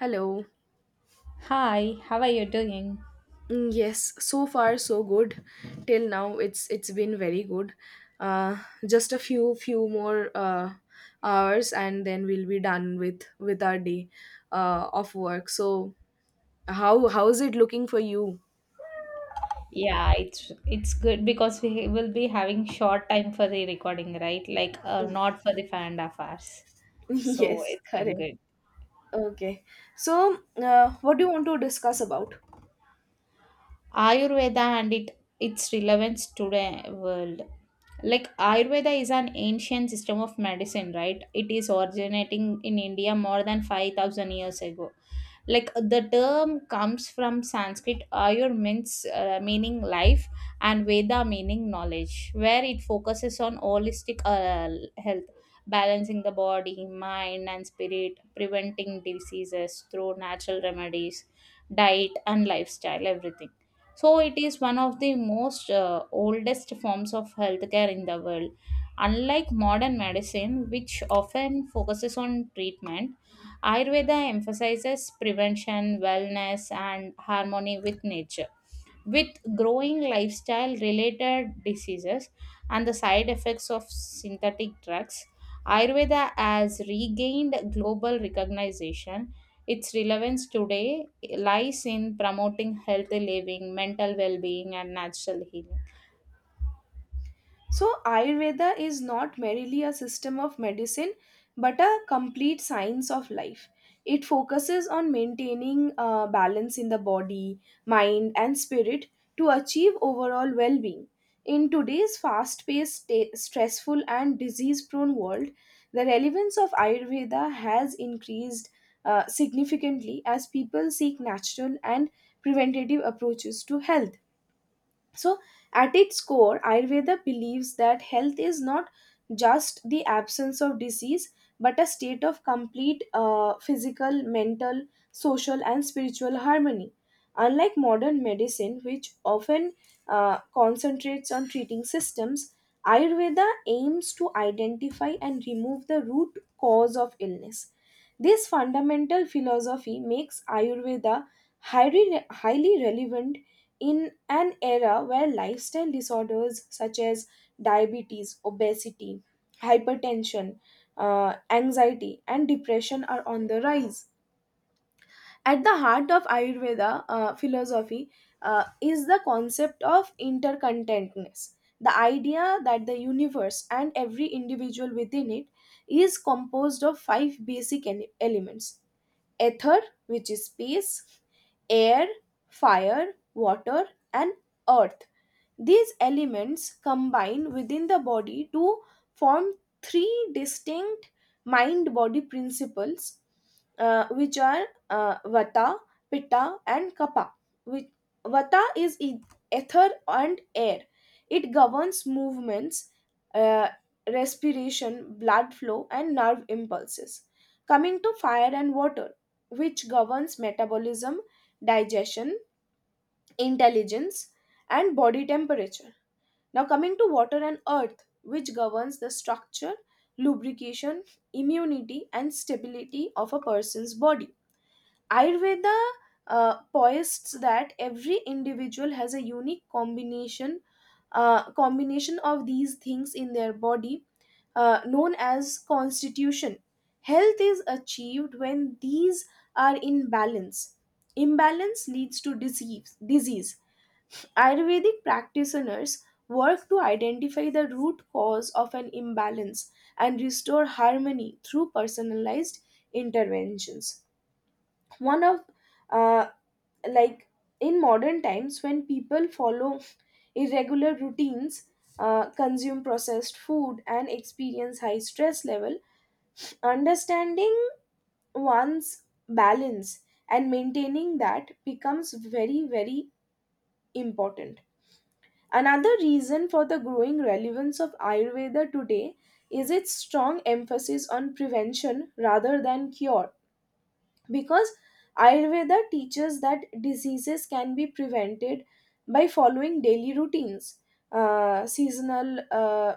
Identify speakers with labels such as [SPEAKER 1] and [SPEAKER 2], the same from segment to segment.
[SPEAKER 1] Hello.
[SPEAKER 2] Hi, how are you doing?
[SPEAKER 1] Yes, so far so good. Till now, it's been very good. Uh, just a few more hours, and then we'll be done with our day of work. So how is it looking for you?
[SPEAKER 2] Yeah, it's good because we will be having short time for the recording, right? Like not for the fan and affairs. So
[SPEAKER 1] Yes,
[SPEAKER 2] it's been
[SPEAKER 1] correct.
[SPEAKER 2] good.
[SPEAKER 1] Okay. So, what do you want to discuss about?
[SPEAKER 2] Ayurveda and it its relevance today world. Like Ayurveda is an ancient system of medicine, right? It is originating in India more than 5000 years ago. Like the term comes from Sanskrit Ayur means meaning life, and Veda meaning knowledge, where it focuses on holistic health, balancing the body, mind, and spirit, preventing diseases through natural remedies, diet, and lifestyle, everything. So it is one of the most oldest forms of healthcare in the world. Unlike modern medicine, which often focuses on treatment, Ayurveda emphasizes prevention, wellness, and harmony with nature. With growing lifestyle related diseases and the side effects of synthetic drugs, Ayurveda has regained global recognition. Its relevance today lies in promoting healthy living, mental well being, and natural healing.
[SPEAKER 1] So, Ayurveda is not merely a system of medicine but a complete science of life. It focuses on maintaining balance in the body, mind, and spirit to achieve overall well being. In today's fast paced, stressful, and disease prone world, the relevance of Ayurveda has increased significantly as people seek natural and preventative approaches to health. So, at its core, Ayurveda believes that health is not just the absence of disease but a state of complete physical, mental, social, and spiritual harmony. Unlike modern medicine, which often concentrates on treating systems, Ayurveda aims to identify and remove the root cause of illness. This fundamental philosophy makes Ayurveda highly relevant in an era where lifestyle disorders such as diabetes, obesity, hypertension, anxiety, and depression are on the rise. At the heart of Ayurveda philosophy is the concept of intercontentness, the idea that the universe and every individual within it is composed of five basic elements: Ether, which is space, air, fire, water, and earth. These elements combine within the body to form three distinct mind body principles, which are Vata, Pitta, and Kapha. Which, vata is ether and air, it governs movements, uh, respiration, blood flow, and nerve impulses. Coming to fire and water, which governs metabolism, digestion, intelligence, and body temperature. Now, coming to water and earth, which governs the structure, lubrication, immunity, and stability of a person's body. Ayurveda points that every individual has a unique combination of these things in their body, known as constitution. Health is achieved when these are in balance. Imbalance leads to disease. Ayurvedic practitioners work to identify the root cause of an imbalance and restore harmony through personalized interventions. One of uh, like In modern times, when people follow irregular routines, consume processed food, and experience high stress level, understanding one's balance and maintaining that becomes very important. Another reason for the growing relevance of Ayurveda today is its strong emphasis on prevention rather than cure, because Ayurveda teaches that diseases can be prevented by following daily routines, seasonal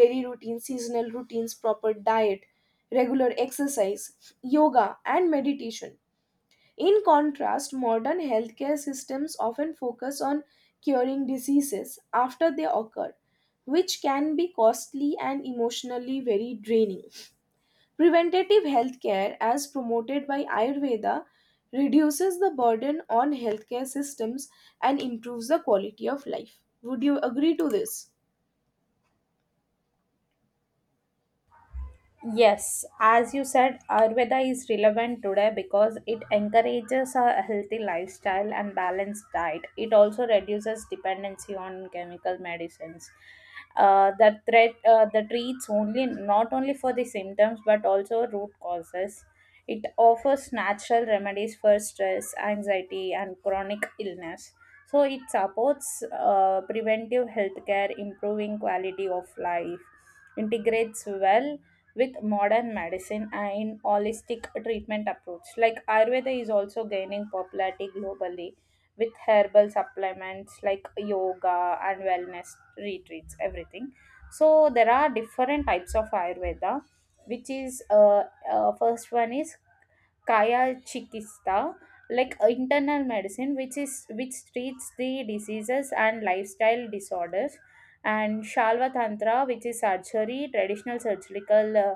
[SPEAKER 1] daily routines, seasonal routines, proper diet, regular exercise, yoga, and meditation. In contrast, modern healthcare systems often focus on curing diseases after they occur, which can be costly and emotionally very draining. Preventative healthcare, as promoted by Ayurveda, reduces the burden on healthcare systems and improves the quality of life. Would you agree to this?
[SPEAKER 2] Yes, as you said, Ayurveda is relevant today because it encourages a healthy lifestyle and balanced diet. It also reduces dependency on chemical medicines. That treats only not only for the symptoms but also root causes. It offers natural remedies for stress, anxiety, and chronic illness. So it supports preventive healthcare, improving quality of life, integrates well with modern medicine and holistic treatment approach. Like Ayurveda is also gaining popularity globally with herbal supplements like yoga and wellness retreats, everything. So there are different types of Ayurveda, which is first one is Kayachikista, like internal medicine, which treats the diseases and lifestyle disorders, and Shalva Tantra, which is surgery, traditional surgical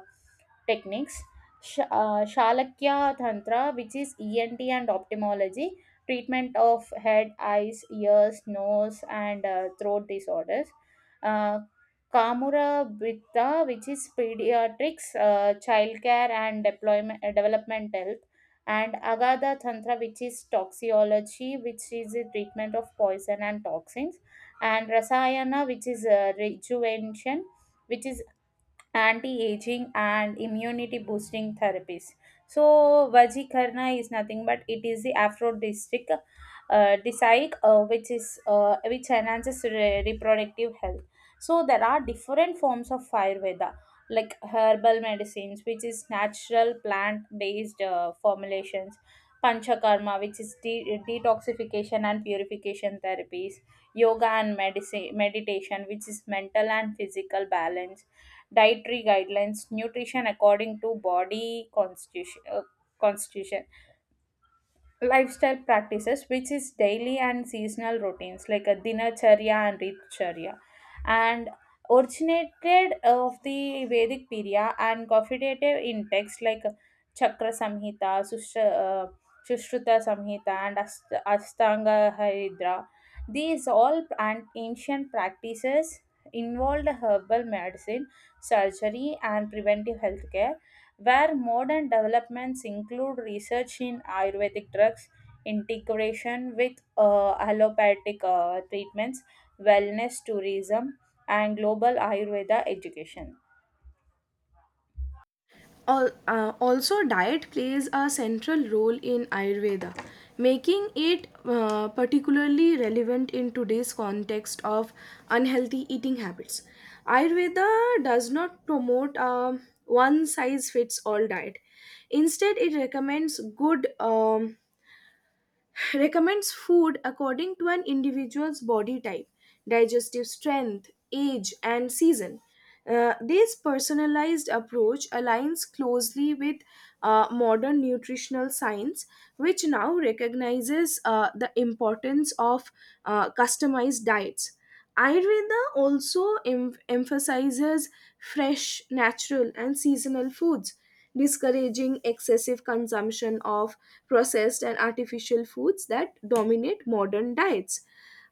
[SPEAKER 2] techniques. Shalakya Tantra, which is ENT and ophthalmology, treatment of head, eyes, ears, nose, and throat disorders. Uh, Kamura Britta, which is pediatrics, childcare, and developmental, and Agatha Tantra, which is toxicology, which is the treatment of poison and toxins, and Rasayana, which is rejuvenation, which is anti-aging and immunity boosting therapies. So vajikarna is nothing but it is the aphrodisiac, which is which enhances reproductive health. So there are different forms of Ayurveda, like herbal medicines, which is natural plant based formulations; panchakarma, which is detoxification and purification therapies; yoga and medicine meditation, which is mental and physical balance; dietary guidelines, nutrition according to body constitution, constitution; lifestyle practices, which is daily and seasonal routines like a dinacharya and ritcharya; and originated of the vedic period and confidated in texts like chakra samhita, sushruta samhita, and astanga haridra. These all ancient practices involved herbal medicine, surgery, and preventive healthcare, where modern developments include research in Ayurvedic drugs, integration with allopathic treatments, wellness tourism, and global Ayurveda education.
[SPEAKER 1] Also, diet plays a central role in Ayurveda, making it particularly relevant in today's context of unhealthy eating habits. Ayurveda does not promote a one size fits all diet. Instead, it recommends food according to an individual's body type, digestive strength, age, and season. This personalized approach aligns closely with modern nutritional science, which now recognizes the importance of customized diets. Ayurveda also emphasizes fresh, natural, and seasonal foods, discouraging excessive consumption of processed and artificial foods that dominate modern diets.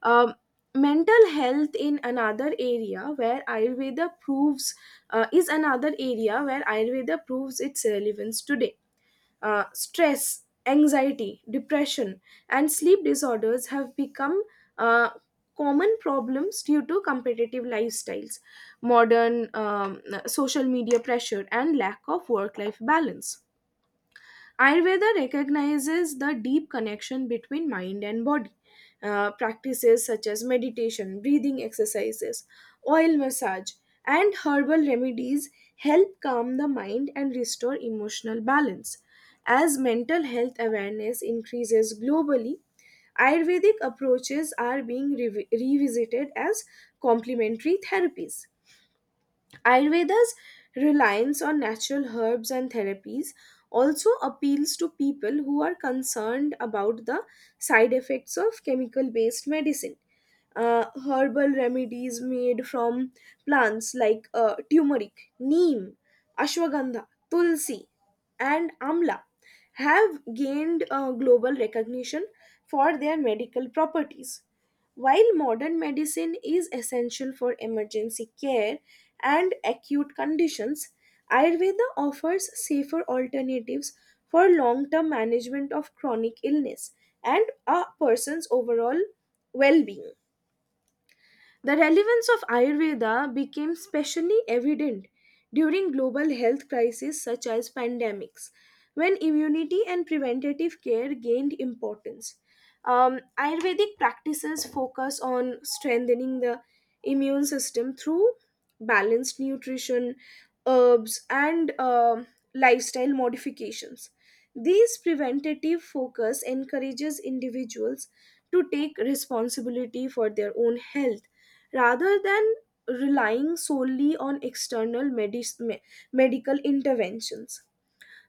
[SPEAKER 1] Um, mental health in another area where Ayurveda proves is another area where Ayurveda proves its relevance today. Stress, anxiety, depression, and sleep disorders have become uh, common problems due to competitive lifestyles, modern social media pressure, and lack of work life balance. Ayurveda recognizes the deep connection between mind and body. Practices such as meditation, breathing exercises, oil massage, and herbal remedies help calm the mind and restore emotional balance. As mental health awareness increases globally, Ayurvedic approaches are being revisited as complementary therapies. Ayurveda's reliance on natural herbs and therapies also appeals to people who are concerned about the side effects of chemical based medicine. Herbal remedies made from plants like turmeric, neem, ashwagandha, tulsi, and amla have gained global recognition for their medical properties. While modern medicine is essential for emergency care and acute conditions, Ayurveda offers safer alternatives for long term management of chronic illness and a person's overall well being. The relevance of Ayurveda became especially evident during global health crises such as pandemics, when immunity and preventative care gained importance. Ayurvedic practices focus on strengthening the immune system through balanced nutrition, herbs, and lifestyle modifications. These preventative focus encourages individuals to take responsibility for their own health rather than relying solely on external medical interventions.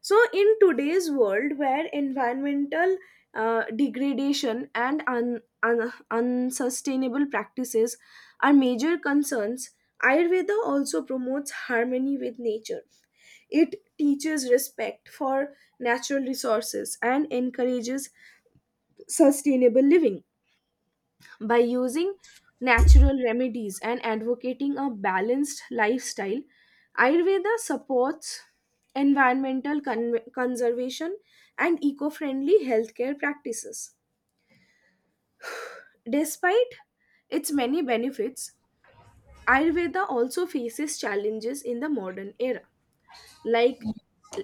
[SPEAKER 1] So, in today's world where environmental degradation and unsustainable practices are major concerns, Ayurveda also promotes harmony with nature. It teaches respect for natural resources and encourages sustainable living. By using natural remedies and advocating a balanced lifestyle, Ayurveda supports environmental conservation and eco friendly healthcare practices. Despite its many benefits, Ayurveda also faces challenges in the modern era, like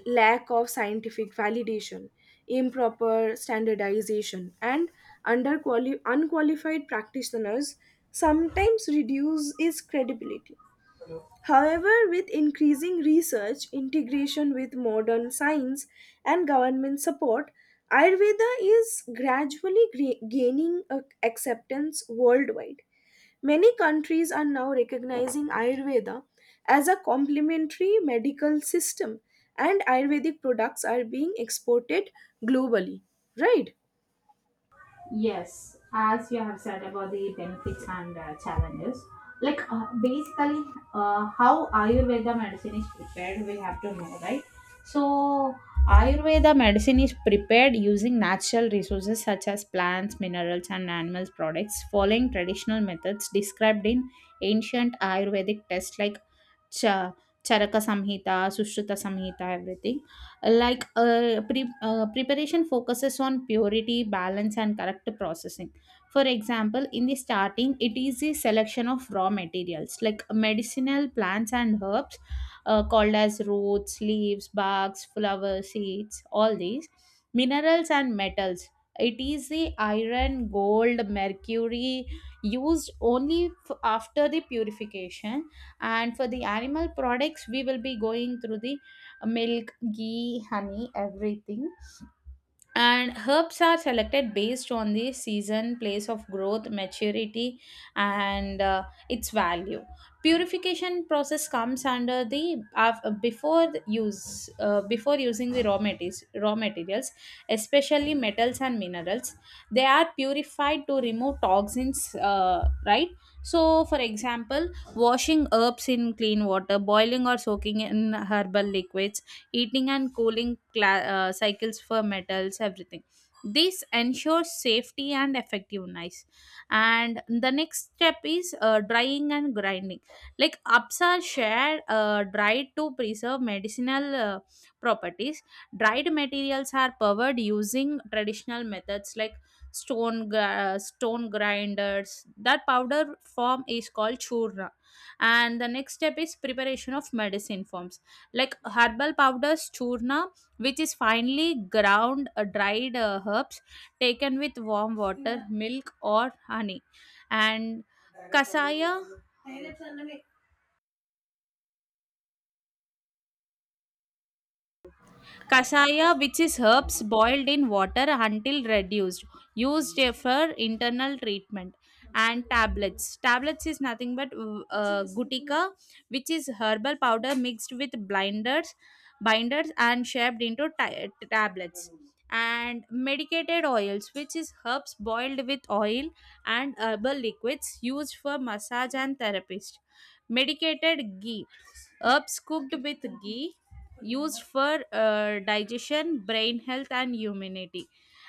[SPEAKER 1] lack of scientific validation, improper standardization, and under unqualified practitioners sometimes reduce its credibility. However, with increasing research, integration with modern science, and government support, Ayurveda is gradually gaining acceptance worldwide. Many countries are now recognizing Ayurveda as a complementary medical system, and Ayurvedic products are being exported globally, right?
[SPEAKER 2] Yes, as you have said about the benefits and challenges, like basically how Ayurveda medicine is prepared, we have to know, right? So, Ayurveda medicine is prepared using natural resources such as plants, minerals, and animal products, following traditional methods described in ancient Ayurvedic texts like Cha Charaka Samhita, Sushruta Samhita, everything. Like preparation focuses on purity, balance, and correct processing. For example, in the starting, it is the selection of raw materials like medicinal plants and herbs, called as roots, leaves, barks, flowers, seeds, all these minerals and metals. It is the iron, gold, mercury, used only after the purification. And for the animal products we will be going through the milk, ghee, honey, everything. And herbs are selected based on the season, place of growth, maturity, and its value. Purification process comes under the before the use, before using the raw materials raw materials, especially metals and minerals, they are purified to remove toxins, right? So for example, washing herbs in clean water, boiling or soaking in herbal liquids, heating and cooling cycles for metals, everything. This ensures safety and effectiveness. And the next step is drying and grinding. Like ups are shared, dried to preserve medicinal properties. Dried materials are powered using traditional methods like stone grinders. That powder form is called churna. And the next step is preparation of medicine forms like herbal powders, churna, which is finely ground dried herbs taken with warm water, milk, or honey; and kasaya Kasaya, which is herbs boiled in water until reduced, used for internal treatment. And tablets. Tablets is nothing but gutica, which is herbal powder mixed with binders, and shaped into tablets. And medicated oils, which is herbs boiled with oil and herbal liquids, used for massage and therapist. Medicated ghee, herbs cooked with ghee, used for digestion, brain health, and immunity.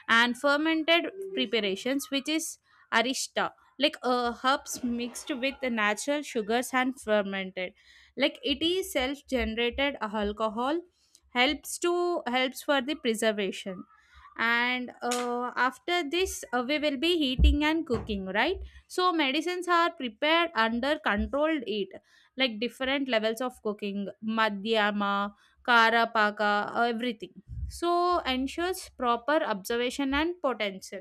[SPEAKER 2] And fermented preparations, which is arista, like herbs mixed with the natural sugars and fermented. Like it is self-generated alcohol, helps for the preservation. And after this, we will be heating and cooking, right? So medicines are prepared under controlled heat, like different levels of cooking, madhyama, Kara, paka, everything, so ensures proper observation and potential.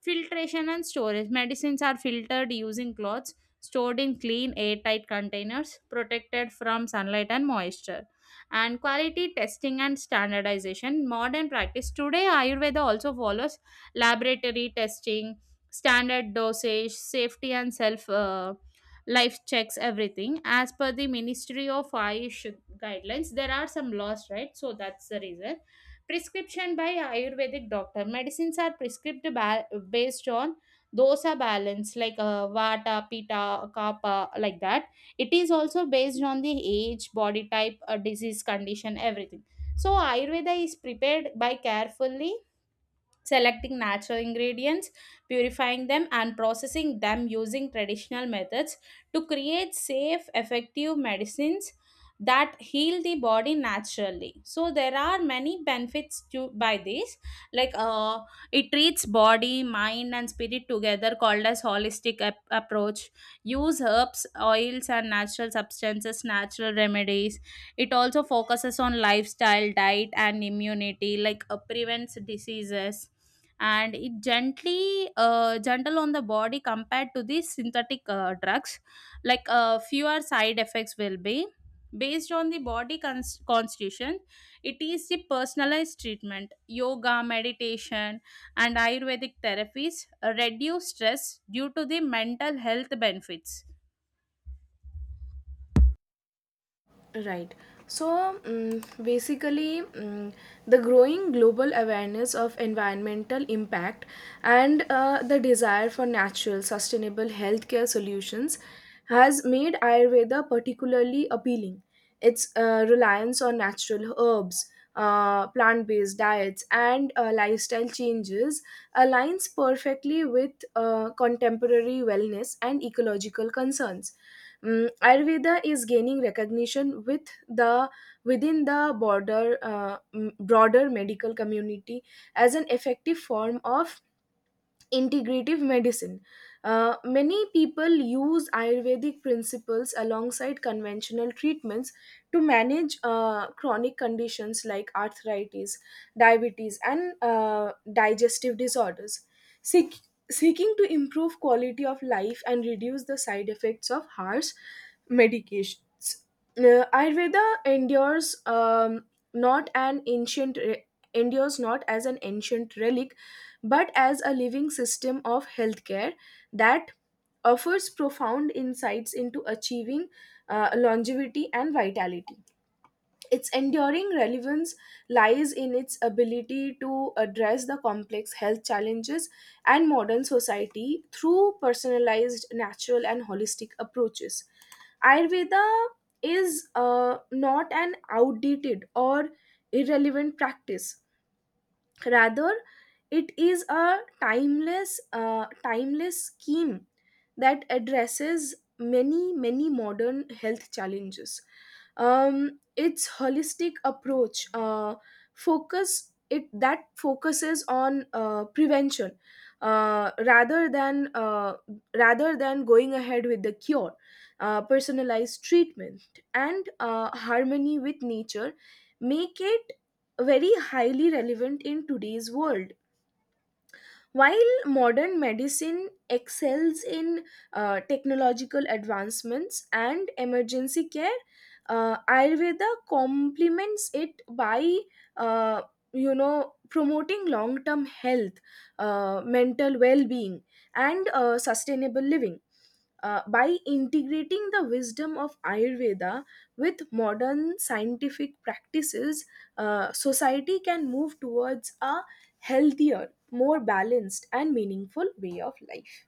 [SPEAKER 2] Filtration and storage. Medicines are filtered using cloths, stored in clean, airtight containers, protected from sunlight and moisture. And quality testing and standardization. Modern practice. Today, Ayurveda also follows laboratory testing, standard dosage, safety, and self life checks, everything. As per the Ministry of Ayush guidelines, there are some laws, right? So that's the reason prescription by ayurvedic doctor, medicines are prescribed based on dosa balance like vata, pitta, kapha, like that. It is also based on the age, body type, disease condition, everything. So ayurveda is prepared by carefully selecting natural ingredients, purifying them, and processing them using traditional methods to create safe, effective medicines that heal the body naturally. So there are many benefits to by this, like it treats body, mind, and spirit together, called as holistic approach. Use herbs, oils, and natural substances, natural remedies. It also focuses on lifestyle, diet, and immunity, like prevents diseases. And it gently gentle on the body compared to the synthetic drugs, like fewer side effects will be, based on the body constitution. It is the personalized treatment. Yoga, meditation, and ayurvedic therapies reduce stress due to the mental health benefits.
[SPEAKER 1] Right. So basically, the growing global awareness of environmental impact and the desire for natural, sustainable healthcare solutions has made Ayurveda particularly appealing. Its reliance on natural herbs, plant based diets, and lifestyle changes aligns perfectly with contemporary wellness and ecological concerns. Ayurveda is gaining recognition within the broader medical community as an effective form of integrative medicine. Many people use Ayurvedic principles alongside conventional treatments to manage chronic conditions like arthritis, diabetes, and digestive disorders, seek, seeking to improve quality of life and reduce the side effects of harsh medications. Ayurveda not an ancient re- endures not as an ancient relic but as a living system of healthcare that offers profound insights into achieving longevity and vitality. Its enduring relevance lies in its ability to address the complex health challenges and modern society through personalized, natural, and holistic approaches. Ayurveda is not an outdated or irrelevant practice. Rather, it is a timeless scheme that addresses many modern health challenges. Um, its holistic approach, focus it that focuses on prevention uh, rather than uh, rather than going ahead with the cure, personalized treatment, and harmony with nature, make it very highly relevant in today's world. While modern medicine excels in technological advancements and emergency care, Ayurveda complements it by, uh, promoting long term health, mental well being, and sustainable living. By integrating the wisdom of Ayurveda with modern scientific practices, society can move towards a healthier, more balanced, and meaningful way of life.